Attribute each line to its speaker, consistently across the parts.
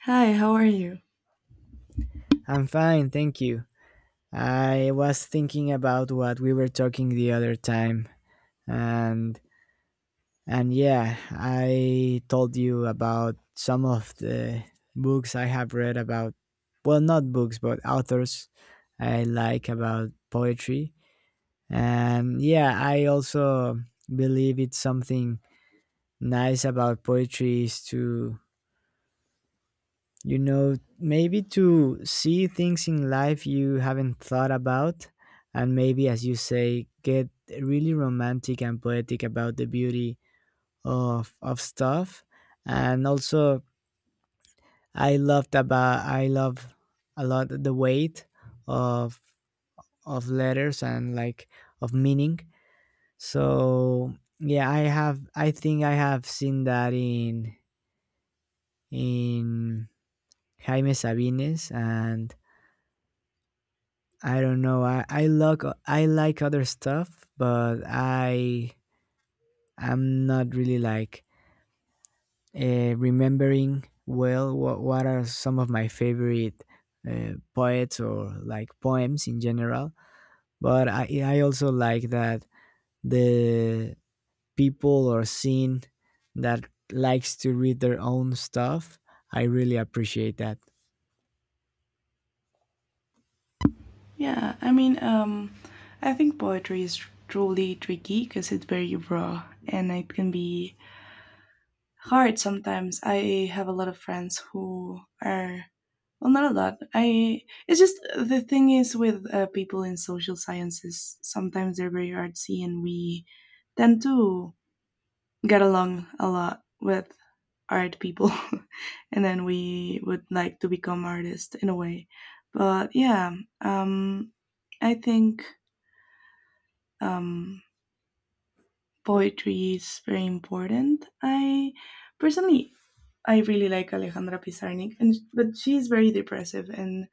Speaker 1: Hi, how are you?
Speaker 2: I'm fine, thank you. I was thinking about what we were talking the other time and and yeah, I told you about some of the books I have read about not books, but authors I like about poetry. And yeah, I also believe it's something nice about poetry is to maybe to see things in life you haven't thought about, and maybe, as you say, get really romantic and poetic about the beauty of stuff. And also, I love a lot the weight of of letters and like of meaning. So yeah, I think I have seen that in Jaime Sabines and I don't know. I like other stuff, but I I'm not really like remembering well what are some of my favorite poets or like poems in general. But I also like that the people or scene that likes to read their own stuff. I really appreciate that.
Speaker 1: Yeah, I mean, I think poetry is truly tricky because it's very raw and it can be hard sometimes. I have a lot of friends who are well, not a lot. I it's just the thing is with people in social sciences, sometimes they're very artsy, and we tend to get along a lot with art people and then we would like to become artists in a way, but yeah um I think um poetry is very important. I personally, I really like Alejandra Pizarnik, and but she is very depressive, and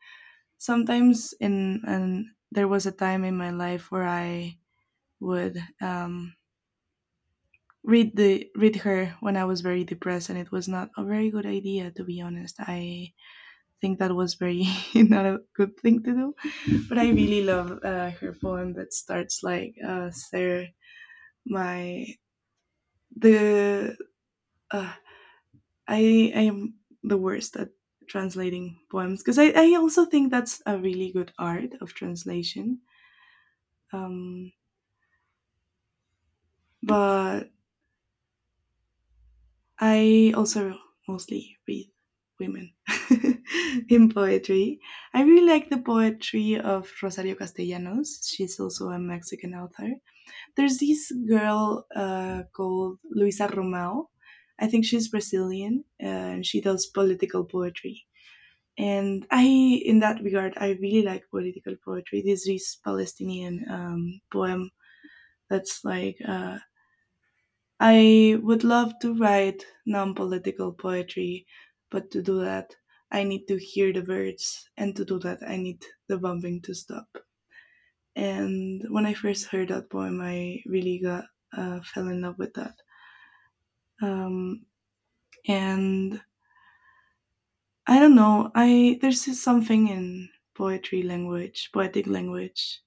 Speaker 1: sometimes in and there was a time in my life where I would read her when I was very depressed, and it was not a very good idea, to be honest. I think that was very not a good thing to do. But I really love her poem that starts like, "Sir, my the uh, I I am the worst at translating poems, because I also think that's a really good art of translation. Um, but I also mostly read women in poetry. I really like the poetry of Rosario Castellanos. She's also a Mexican author. There's this girl called Luisa Romão. I think she's Brazilian, and she does political poetry. And I, in that regard, I really like political poetry. There's this Palestinian poem that's like, "I would love to write non political poetry, but to do that, I need to hear the birds, and to do that, I need the bombing to stop." And when I first heard that poem, I really got fell in love with that. Um, and I don't know. I there's just something in poetry language, poetic language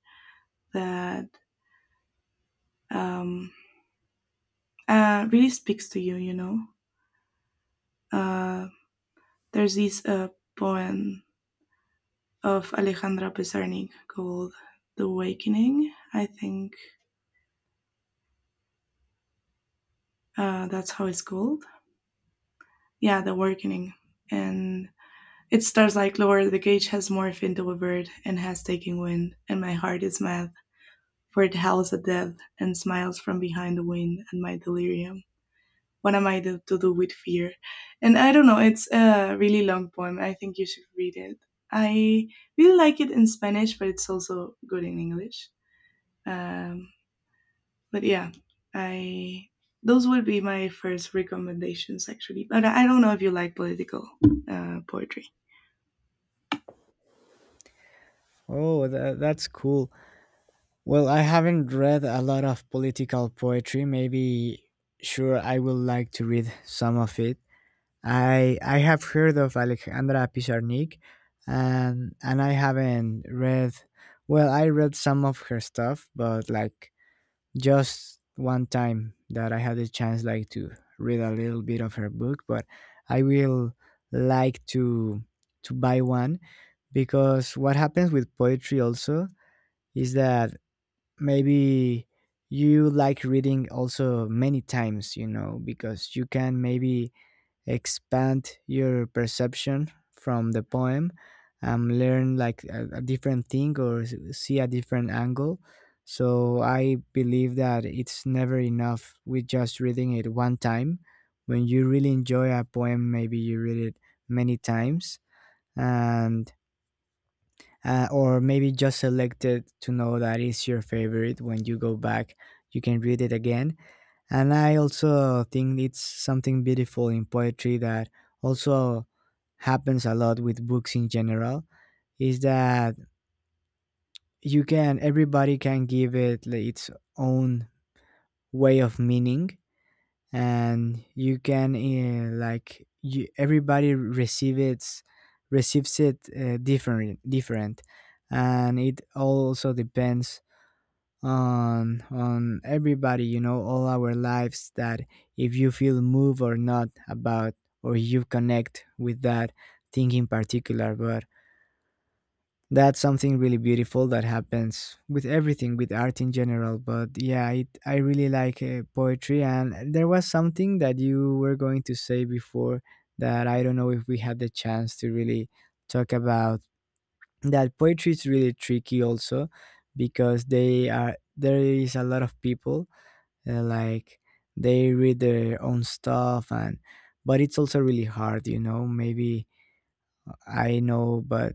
Speaker 1: that um, really speaks to you. You know, uh, there's this poem of Alejandra Pizarnik called "The Awakening." I think that's how it's called. Yeah, "The Awakening," and it starts like, "Lord, the cage has morphed into a bird and has taken wind, and my heart is mad. For it howls at death, and smiles from behind the wind at my delirium. What am I to do with fear?" And I don't know, it's a really long poem. I think you should read it. I really like it in Spanish, but it's also good in English. Um, but yeah, I, those would be my first recommendations actually. But I don't know if you like political poetry.
Speaker 2: Oh, that's cool. Well, I haven't read a lot of political poetry. Maybe Sure, I would like to read some of it. I have heard of Alexandra Pizarnik and I haven't read I read some of her stuff, but like just one time that I had the chance like to read a little bit of her book, but I will like to buy one because what happens with poetry also is that maybe you like reading also many times, you know, because you can maybe expand your perception from the poem and learn like a different thing or see a different angle. So I believe that it's never enough with just reading it one time. When you really enjoy a poem, maybe you read it many times and or maybe just select it to know that it's your favorite. When you go back, you can read it again. And I also think it's something beautiful in poetry that also happens a lot with books in general is that you can everybody can give it like its own way of meaning, and you can like everybody receives it different and it also depends on everybody, you know, all our lives, that if you feel moved or not about or you connect with that thing in particular. But that's something really beautiful that happens with everything, with art in general. But yeah, I really like poetry. And there was something that you were going to say before that I don't know if we had the chance to really talk about. That poetry is really tricky also because they are there is a lot of people like they read their own stuff and but it's also really hard, you know, maybe i know but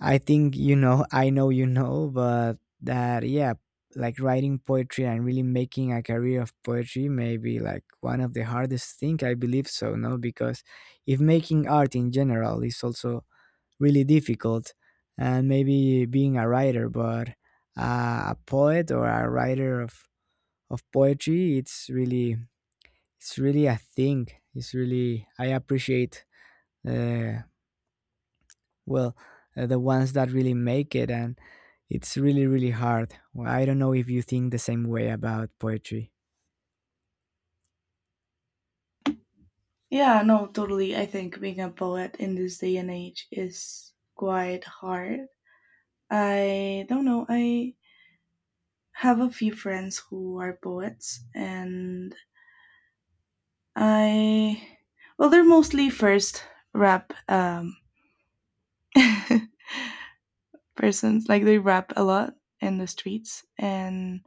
Speaker 2: I think, you know, I know you know, but that, yeah, like writing poetry and really making a career of poetry may be like one of the hardest thing I believe so, no? Because if making art in general is also really difficult, and maybe being a writer, but a poet or a writer of poetry, it's really a thing. It's really, I appreciate. Uh, well the ones that really make it, and it's really really hard. Well, I don't know if you think the same way about poetry.
Speaker 1: Yeah, no, totally. I think being a poet in this day and age is quite hard. I don't know. I have a few friends who are poets, and I, well, they're mostly first rap persons, like they rap a lot in the streets and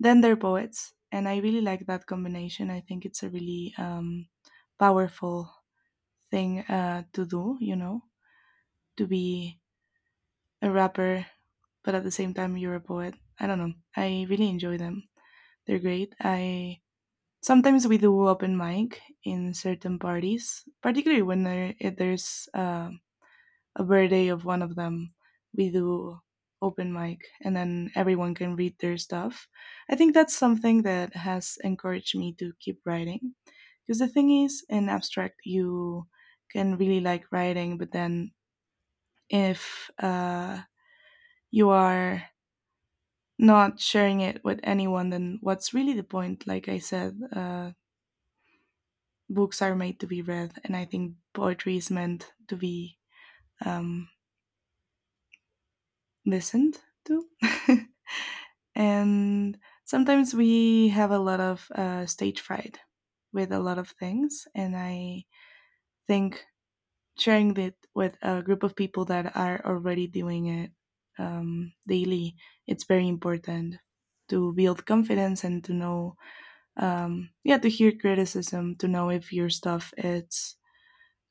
Speaker 1: then they're poets, and I really like that combination. I think it's a really powerful thing to do, you know, to be a rapper but at the same time you're a poet. I don't know, I really enjoy them. They're great. I sometimes we do open mic in certain parties, particularly when if there's a birthday of one of them, we do open mic and then everyone can read their stuff. I think that's something that has encouraged me to keep writing. Because the thing is, in abstract, you can really like writing, but then if you are not sharing it with anyone, then what's really the point? Like I said, books are made to be read, and I think poetry is meant to be um, listened to. And sometimes we have a lot of stage fright with a lot of things, and I think sharing it with a group of people that are already doing it daily, it's very important to build confidence and to know, yeah, to hear criticism, to know if your stuff is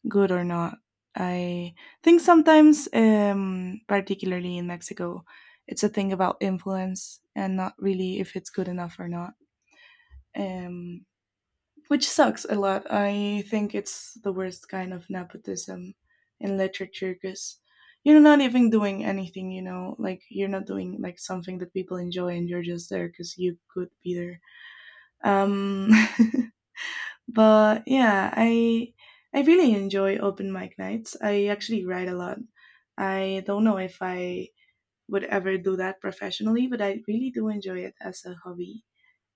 Speaker 1: good or not. I think sometimes, particularly in Mexico, it's a thing about influence and not really if it's good enough or not, um, which sucks a lot. I think it's the worst kind of nepotism in literature, because you're not even doing anything, you know, like you're not doing like something that people enjoy, and you're just there because you could be there. Um, But yeah, I really enjoy open mic nights. I actually write a lot. I don't know if I would ever do that professionally, but I really do enjoy it as a hobby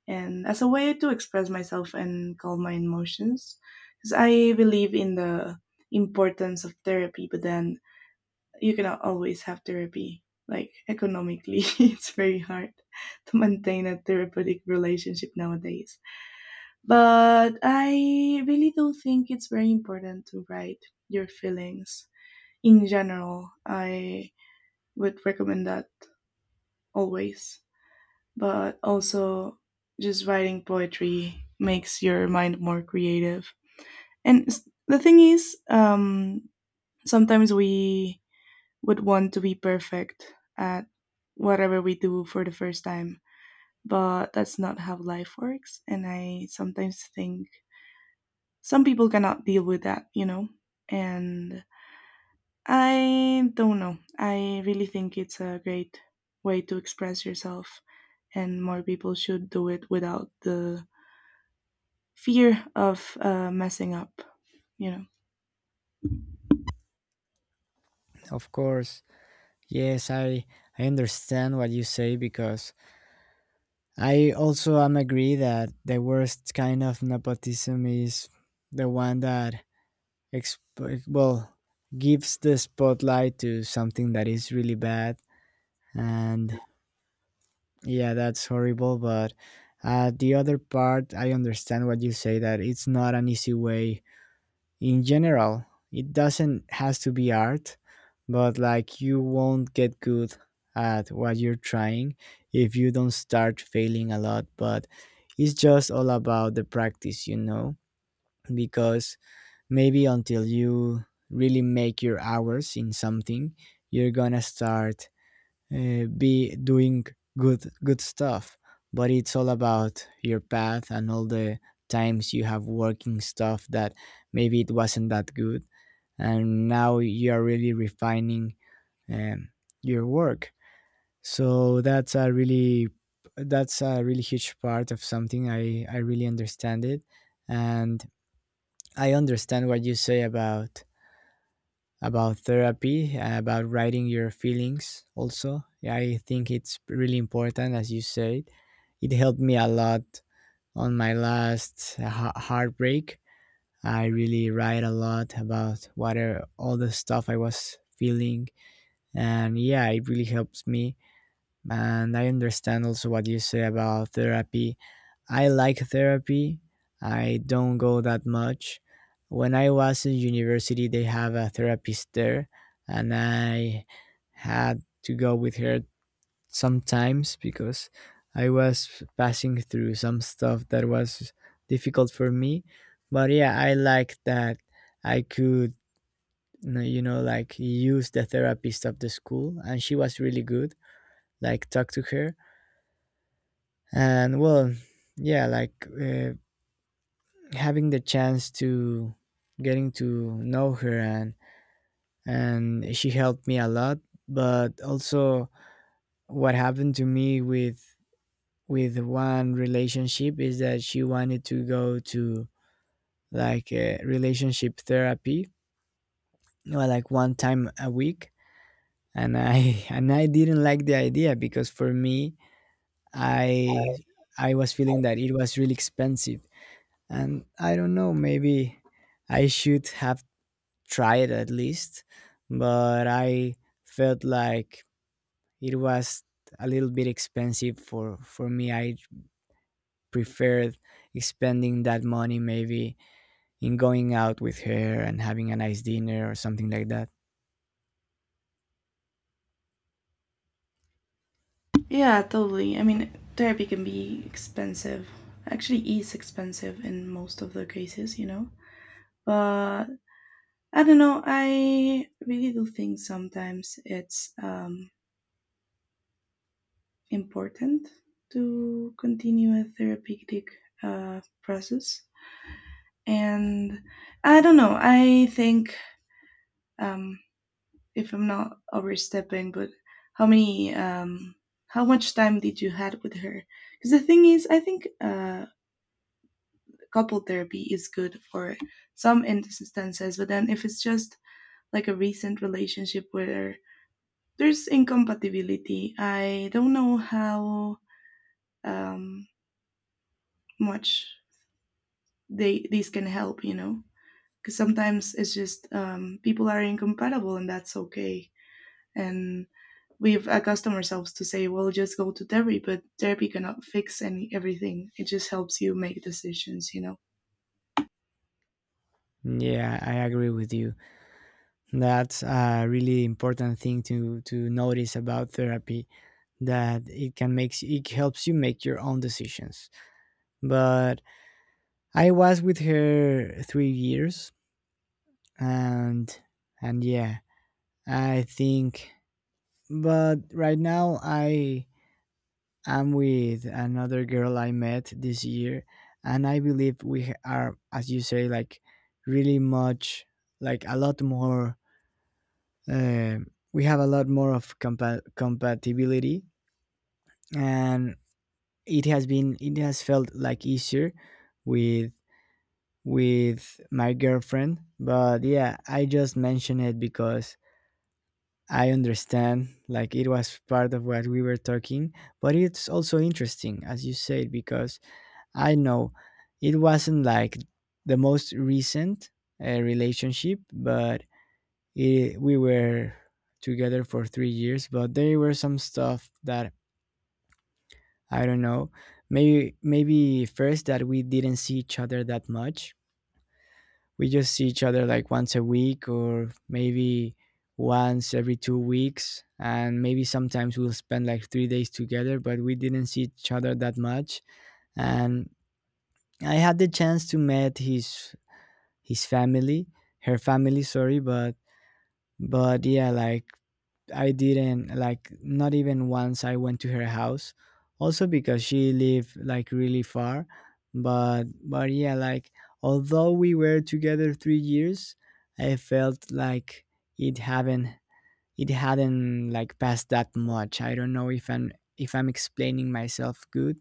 Speaker 1: and as a way to express myself and calm my emotions. Because I believe in the importance of therapy, but then you cannot always have therapy. Like, economically, it's very hard to maintain a therapeutic relationship nowadays. But I really do think it's very important to write your feelings in general. I would recommend that always. But also, just writing poetry makes your mind more creative. And the thing is, sometimes we would want to be perfect at whatever we do for the first time, but that's not how life works. And I sometimes think some people cannot deal with that, you know? And I don't know. I really think it's a great way to express yourself, and more people should do it without the fear of messing up, you know?
Speaker 2: Of course. Yes, I understand what you say because I also am agree that the worst kind of nepotism is the one that exp- well gives the spotlight to something that is really bad and yeah, that's horrible. But the other part, I understand what you say that it's not an easy way in general. It doesn't has to be art, but like you won't get good at what you're trying if you don't start failing a lot. But it's just all about the practice, you know, because maybe until you really make your hours in something, you're gonna start be doing good stuff. But it's all about your path and all the times you have working stuff that maybe it wasn't that good, and now you are really refining um, your work. So that's a really huge part of something. I really understand it and I understand what you say about therapy, about writing your feelings also. Yeah, I think it's really important, as you said. It helped me a lot on my last heartbreak. I really write a lot about what are all the stuff I was feeling. And yeah, it really helps me, and I understand also what you say about therapy. I like therapy. I don't go that much. When I was in university, they have a therapist there, and I had to go with her sometimes because I was passing through some stuff that was difficult for me. But yeah, I like that I could, you know, like use the therapist of the school, and she was really good. Like, talk to her and well yeah like having the chance to getting to know her, and she helped me a lot. But also, what happened to me with one relationship is that she wanted to go to like a relationship therapy, well, like one time a week, and I and I didn't like the idea because for me, i I was feeling that it was really expensive, and I don't know, maybe I should have tried at least, but I felt like it was a little bit expensive for me. I preferred spending that money maybe in going out with her and having a nice dinner or something like that.
Speaker 1: Yeah, totally. I mean, therapy can be expensive. Actually, is expensive in most of the cases, you know? But I don't know. I really do think sometimes it's important to continue a therapeutic process. And I don't know, I think, um, if I'm not overstepping, but how how much time did you had with her? Because the thing is, I think couple therapy is good for some instances, but then if it's just like a recent relationship where there's incompatibility, I don't know how um, much they these can help, you know, because sometimes it's just people are incompatible, and that's okay. And we've accustomed ourselves to say, well, just go to therapy, but therapy cannot fix any everything. It just helps you make decisions, you know.
Speaker 2: Yeah, I agree with you. That's a really important thing to notice about therapy, that it helps you make your own decisions. But I was with her 3 years, and and yeah, I think. But right now, I am with another girl I met this year, and I believe we are, as you say, like really much, like a lot more. Um, we have a lot more of compatibility, and it has felt like easier with with my girlfriend. But yeah, I just mentioned it because I understand, like, it was part of what we were talking. But it's also interesting, as you said, because I know it wasn't like the most recent relationship, but we were together for 3 years. But there were some stuff that I don't know. Maybe first that we didn't see each other that much, we just see each other like once a week or maybe once every 2 weeks, and maybe sometimes we'll spend like 3 days together, but we didn't see each other that much. And I had the chance to meet his family, her family, sorry, but yeah like I didn't like not even once I went to her house, also because she lived like really far. But yeah like although we were together 3 years, I felt like it haven't it hadn't like passed that much. I don't know if I'm explaining myself good.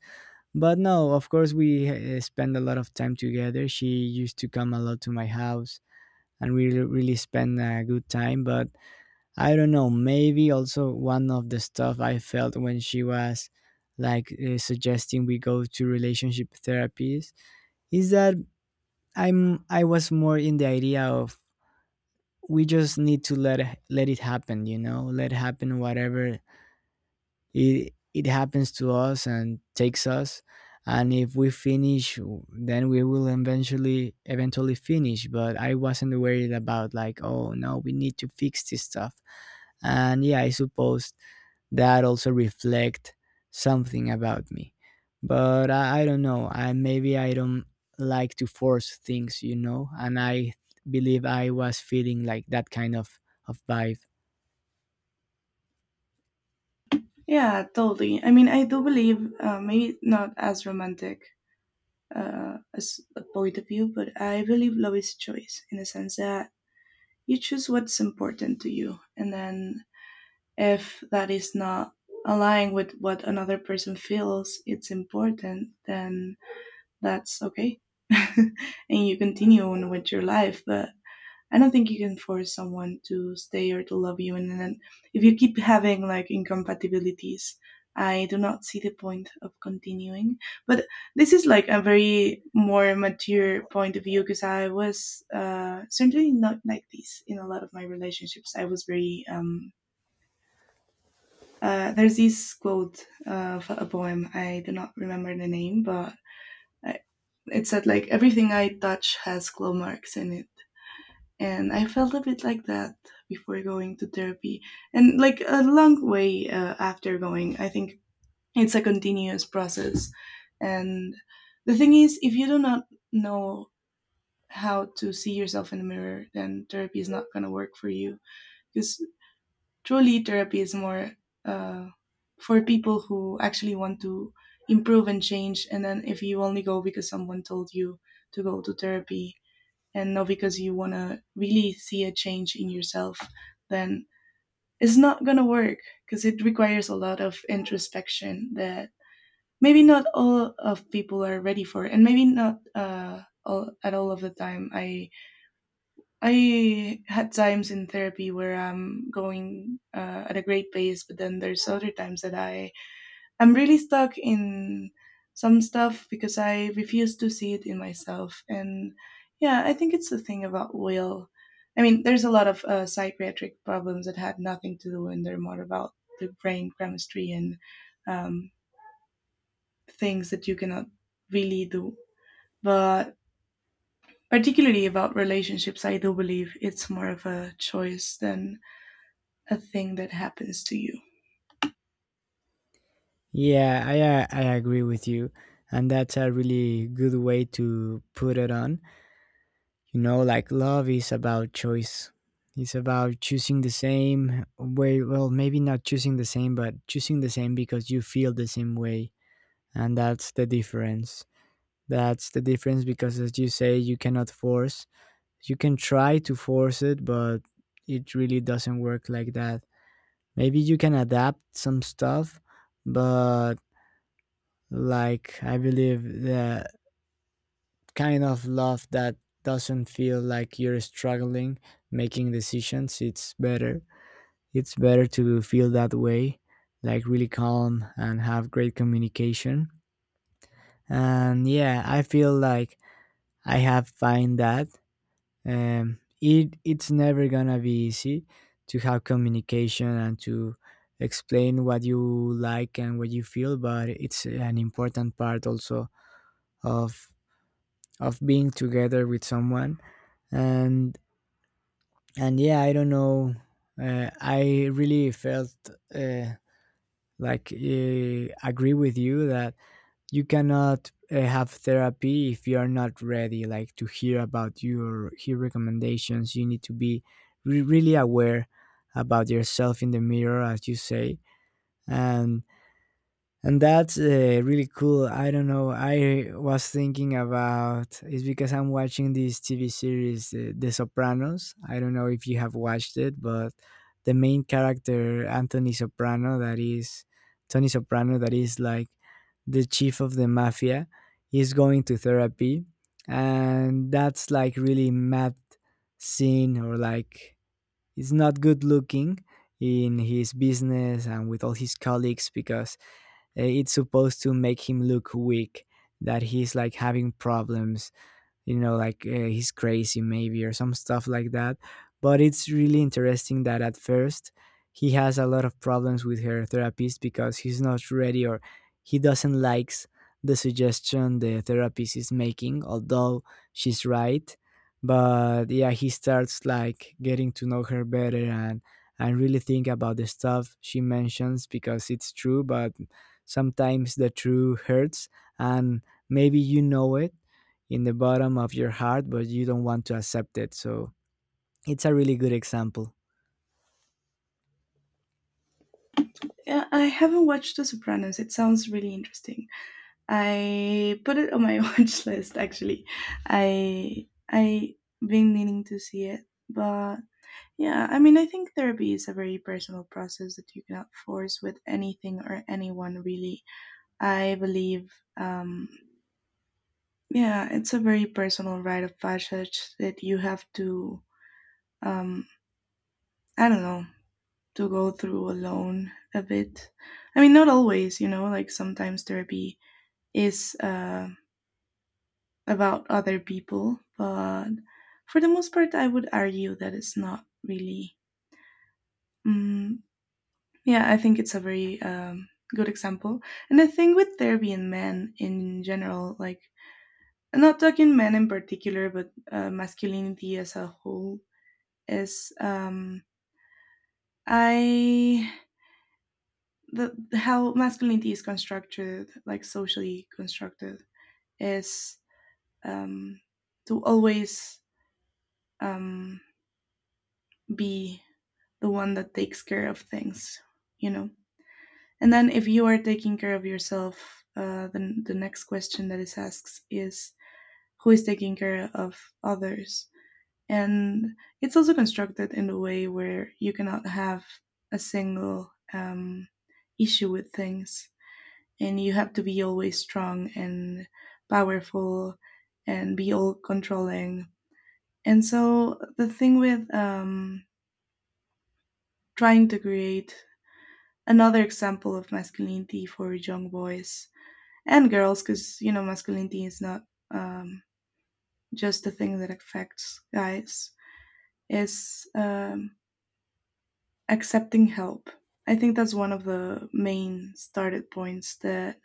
Speaker 2: But no, of course, we spend a lot of time together. She used to come a lot to my house, and we really spend a good time. But I don't know, maybe also one of the stuff I felt when she was like suggesting we go to relationship therapies is that I was more in the idea of we just need to let let it happen, you know, let happen whatever it happens to us and takes us. And if we finish, then we will eventually finish. But I wasn't worried about like, oh no, we need to fix this stuff. And yeah, I suppose that also reflect something about me. But I don't know, I maybe I don't like to force things, you know, and I believe I was feeling like that kind of vibe.
Speaker 1: Yeah, totally. I mean, I do believe, maybe not as romantic as a point of view, but I believe love is choice, in the sense that you choose what's important to you, and then if that is not aligning with what another person feels it's important, then that's okay. And you continue on with your life. But I don't think you can force someone to stay or to love you. And then if you keep having like incompatibilities, I do not see the point of continuing. But this is like a very more mature point of view, because I was certainly not like this in a lot of my relationships. I was very there's this quote of a poem. I do not remember the name, but I, it said like, "Everything I touch has claw marks in it," and I felt a bit like that before going to therapy, and like a long way after going. I think it's a continuous process, and the thing is, if you do not know how to see yourself in the mirror, then therapy is not gonna work for you, because truly therapy is more uh, for people who actually want to improve and change. And then if you only go because someone told you to go to therapy, and not because you want to really see a change in yourself, then it's not going to work, because it requires a lot of introspection that maybe not all of people are ready for, and maybe not all, at all of the time. I had times in therapy where I'm going at a great pace, but then there's other times that I'm really stuck in some stuff because I refuse to see it in myself. And yeah, I think it's the thing about will. I mean, there's a lot of psychiatric problems that had nothing to do, and they're more about the brain chemistry and um, things that you cannot really do. But particularly about relationships, I do believe it's more of a choice than a thing that happens to you.
Speaker 2: Yeah, I agree with you, and that's a really good way to put it on. You know, like love is about choice. It's about choosing the same way. Well, maybe not choosing the same, but choosing the same because you feel the same way, and that's the difference. That's the difference because, as you say, you cannot force. You can try to force it, but it really doesn't work like that. Maybe you can adapt some stuff, but like, I believe the kind of love that doesn't feel like you're struggling making decisions, it's better. It's better to feel that way, like really calm and have great communication. And yeah, I feel like I have find that it's never gonna be easy to have communication and to explain what you like and what you feel, but it's an important part also of of being together with someone and and yeah, I don't know. I really felt uh, like agree with you that you cannot have therapy if you are not ready, like to hear about your hear recommendations. You need to be really aware about yourself in the mirror, as you say. and and that's really cool. I don't know, I was thinking about it's because I'm watching this TV series, The Sopranos. I don't know if you have watched it, but the main character Anthony Soprano, that is Tony Soprano, that is like the chief of the mafia, is going to therapy, and that's like really mad scene, or like it's not good looking in his business and with all his colleagues because it's supposed to make him look weak, that he's like having problems, you know, like he's crazy maybe or some stuff like that. But it's really interesting that at first he has a lot of problems with her therapist because he's not ready, or he doesn't likes the suggestion the therapist is making, although she's right. But yeah, he starts like getting to know her better, and really think about the stuff she mentions because it's true. But sometimes the truth hurts, and maybe you know it in the bottom of your heart, but you don't want to accept it. So it's a really good example.
Speaker 1: Yeah, I haven't watched The Sopranos. It sounds really interesting. I put it on my watch list actually. I been meaning to see it, but yeah, I mean, I think therapy is a very personal process that you cannot force with anything or anyone really. I believe, um, yeah, it's a very personal rite of passage that you have to, um, I don't know, to go through alone a bit. I mean, not always, you know, like sometimes therapy is about other people, but for the most part, I would argue that it's not really. Mm, yeah, I think it's a very good example. And I think with therapy and men in general, like, I'm not talking men in particular, but masculinity as a whole is I the how masculinity is constructed, like socially constructed, is um, to always um, be the one that takes care of things, you know. And then if you are taking care of yourself, then the next question that is asked is, who is taking care of others? And it's also constructed in a way where you cannot have a single issue with things. And you have to be always strong and powerful and be all controlling. And so the thing with trying to create another example of masculinity for young boys and girls, because, you know, masculinity is not um, just the thing that affects guys, is accepting help. I think that's one of the main started points that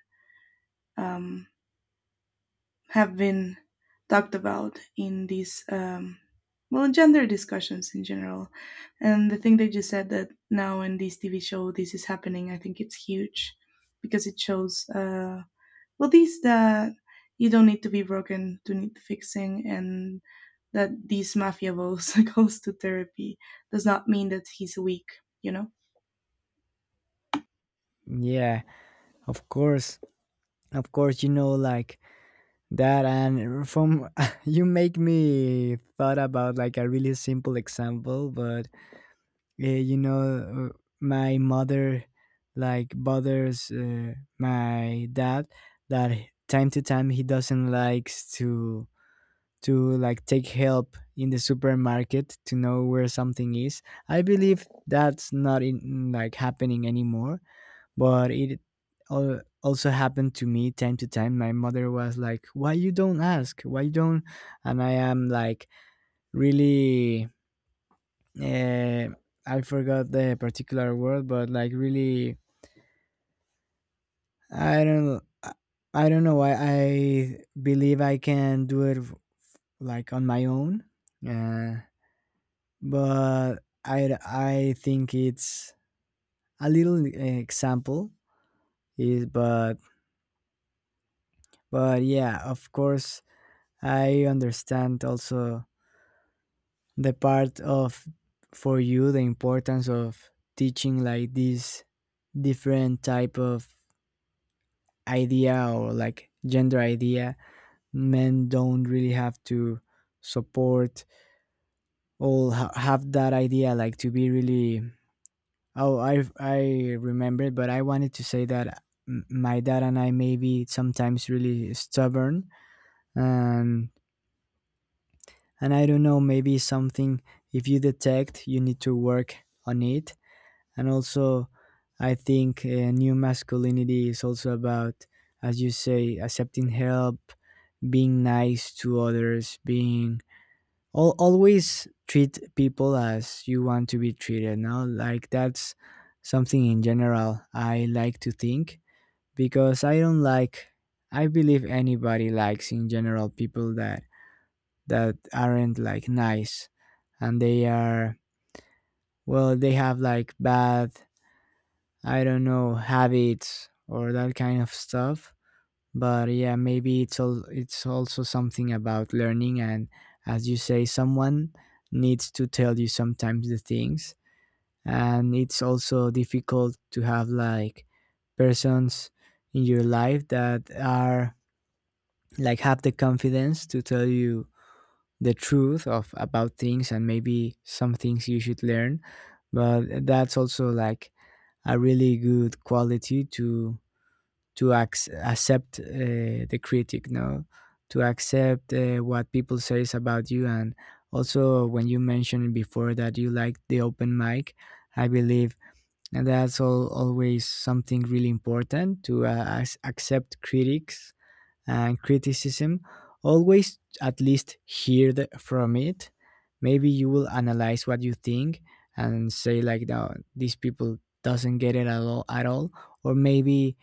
Speaker 1: um, have been talked about in these well, gender discussions in general. And the thing that you said that now in this TV show this is happening, I think it's huge, because it shows well, these that you don't need to be broken to need fixing, and that this mafia boss goes to therapy does not mean that he's weak, you know.
Speaker 2: Yeah, of course. Of course, you know, like that. And from you make me thought about like a really simple example, but you know, my mother like bothers my dad that time to time he doesn't likes to like take help in the supermarket to know where something is. I believe that's not in like happening anymore, but it also happened to me time to time. My mother was like, "Why you don't ask? Why you don't?" And I am like really, uh, I forgot the particular word, but like really I don't I I don't know why. I believe I can do it like on my own. Uh but I think it's a little, eh, example is, but yeah, of course I understand also the part of for you the importance of teaching like this different type of idea or like gender idea. Men don't really have to support or have that idea like to be really— Oh, I remembered, but I wanted to say that my dad and I may be sometimes really stubborn, and and I don't know, maybe something if you detect, you need to work on it. And also I think new masculinity is also about, as you say, accepting help, being nice to others, being— Al always treat people as you want to be treated now, like that's something in general I like to think, because I don't like— I believe anybody likes in general people that that aren't like nice and they are, well, they have like bad, I don't know, habits or that kind of stuff. But yeah, maybe it's all, it's also something about learning, and as you say, someone needs to tell you sometimes the things. And it's also difficult to have like persons in your life that are like have the confidence to tell you the truth of about things, and maybe some things you should learn. But that's also like a really good quality to accept the critic, no, to accept what people says about you. And also when you mentioned before that you like the open mic, I believe that's all, always something really important, to accept critics and criticism. Always at least hear the, from it, maybe you will analyze what you think and say like no, these people doesn't get it at all, at all, or maybe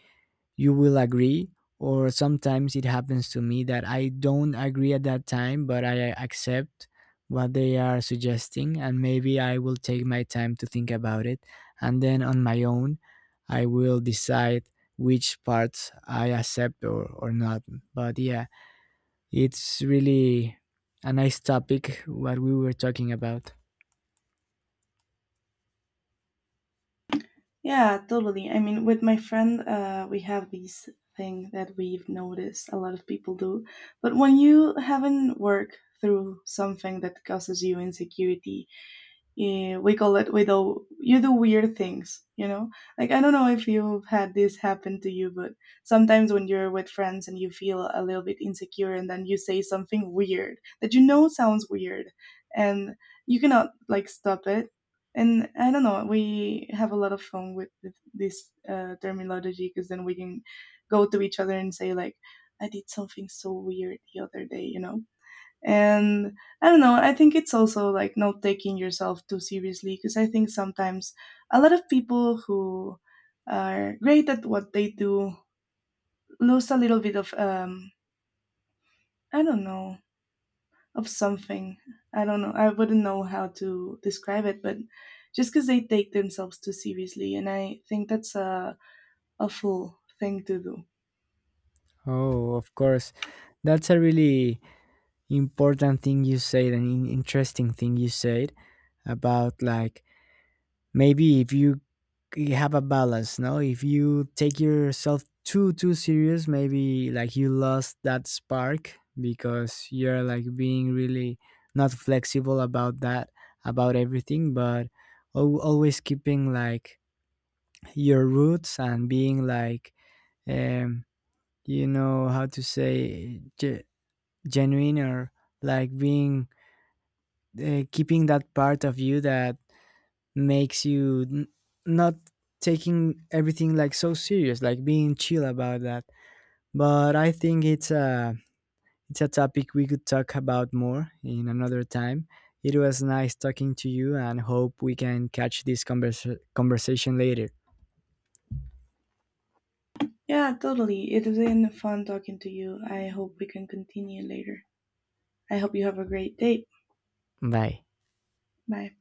Speaker 2: you will agree. Or sometimes it happens to me that I don't agree at that time, but I accept what they are suggesting, and maybe I will take my time to think about it, and then on my own I will decide which parts I accept or not. But yeah, it's really a nice topic what we were talking about.
Speaker 1: Yeah, totally. I mean, with my friend, we have these thing that we've noticed a lot of people do. But when you haven't worked through something that causes you insecurity, we call it we do, you do weird things, you know, like, I don't know if you've had this happen to you, but sometimes when you're with friends and you feel a little bit insecure, and then you say something weird that you know sounds weird, and you cannot like stop it. And I don't know, we have a lot of fun with this terminology, because then we can go to each other and say like, I did something so weird the other day, you know. And I don't know, I think it's also like not taking yourself too seriously, because I think sometimes a lot of people who are great at what they do lose a little bit of I don't know of something. I don't know, I wouldn't know how to describe it, but just because they take themselves too seriously, and I think that's a awful thing to do.
Speaker 2: Oh, of course. That's a really important thing you said and interesting thing you said, about like maybe if you— you have a balance, no, if you take yourself too too serious maybe like you lost that spark because you're like being really not flexible about that, about everything. But always keeping like your roots and being like, um you know how to say, genuine, or like being keeping that part of you that makes you not taking everything like so serious, like being chill about that. But I think it's a— it's a topic we could talk about more in another time. It was nice talking to you and hope we can catch this conversation later.
Speaker 1: Yeah, totally, it's been fun talking to you. I hope we can continue later. I hope you have a great day.
Speaker 2: Bye.
Speaker 1: Bye.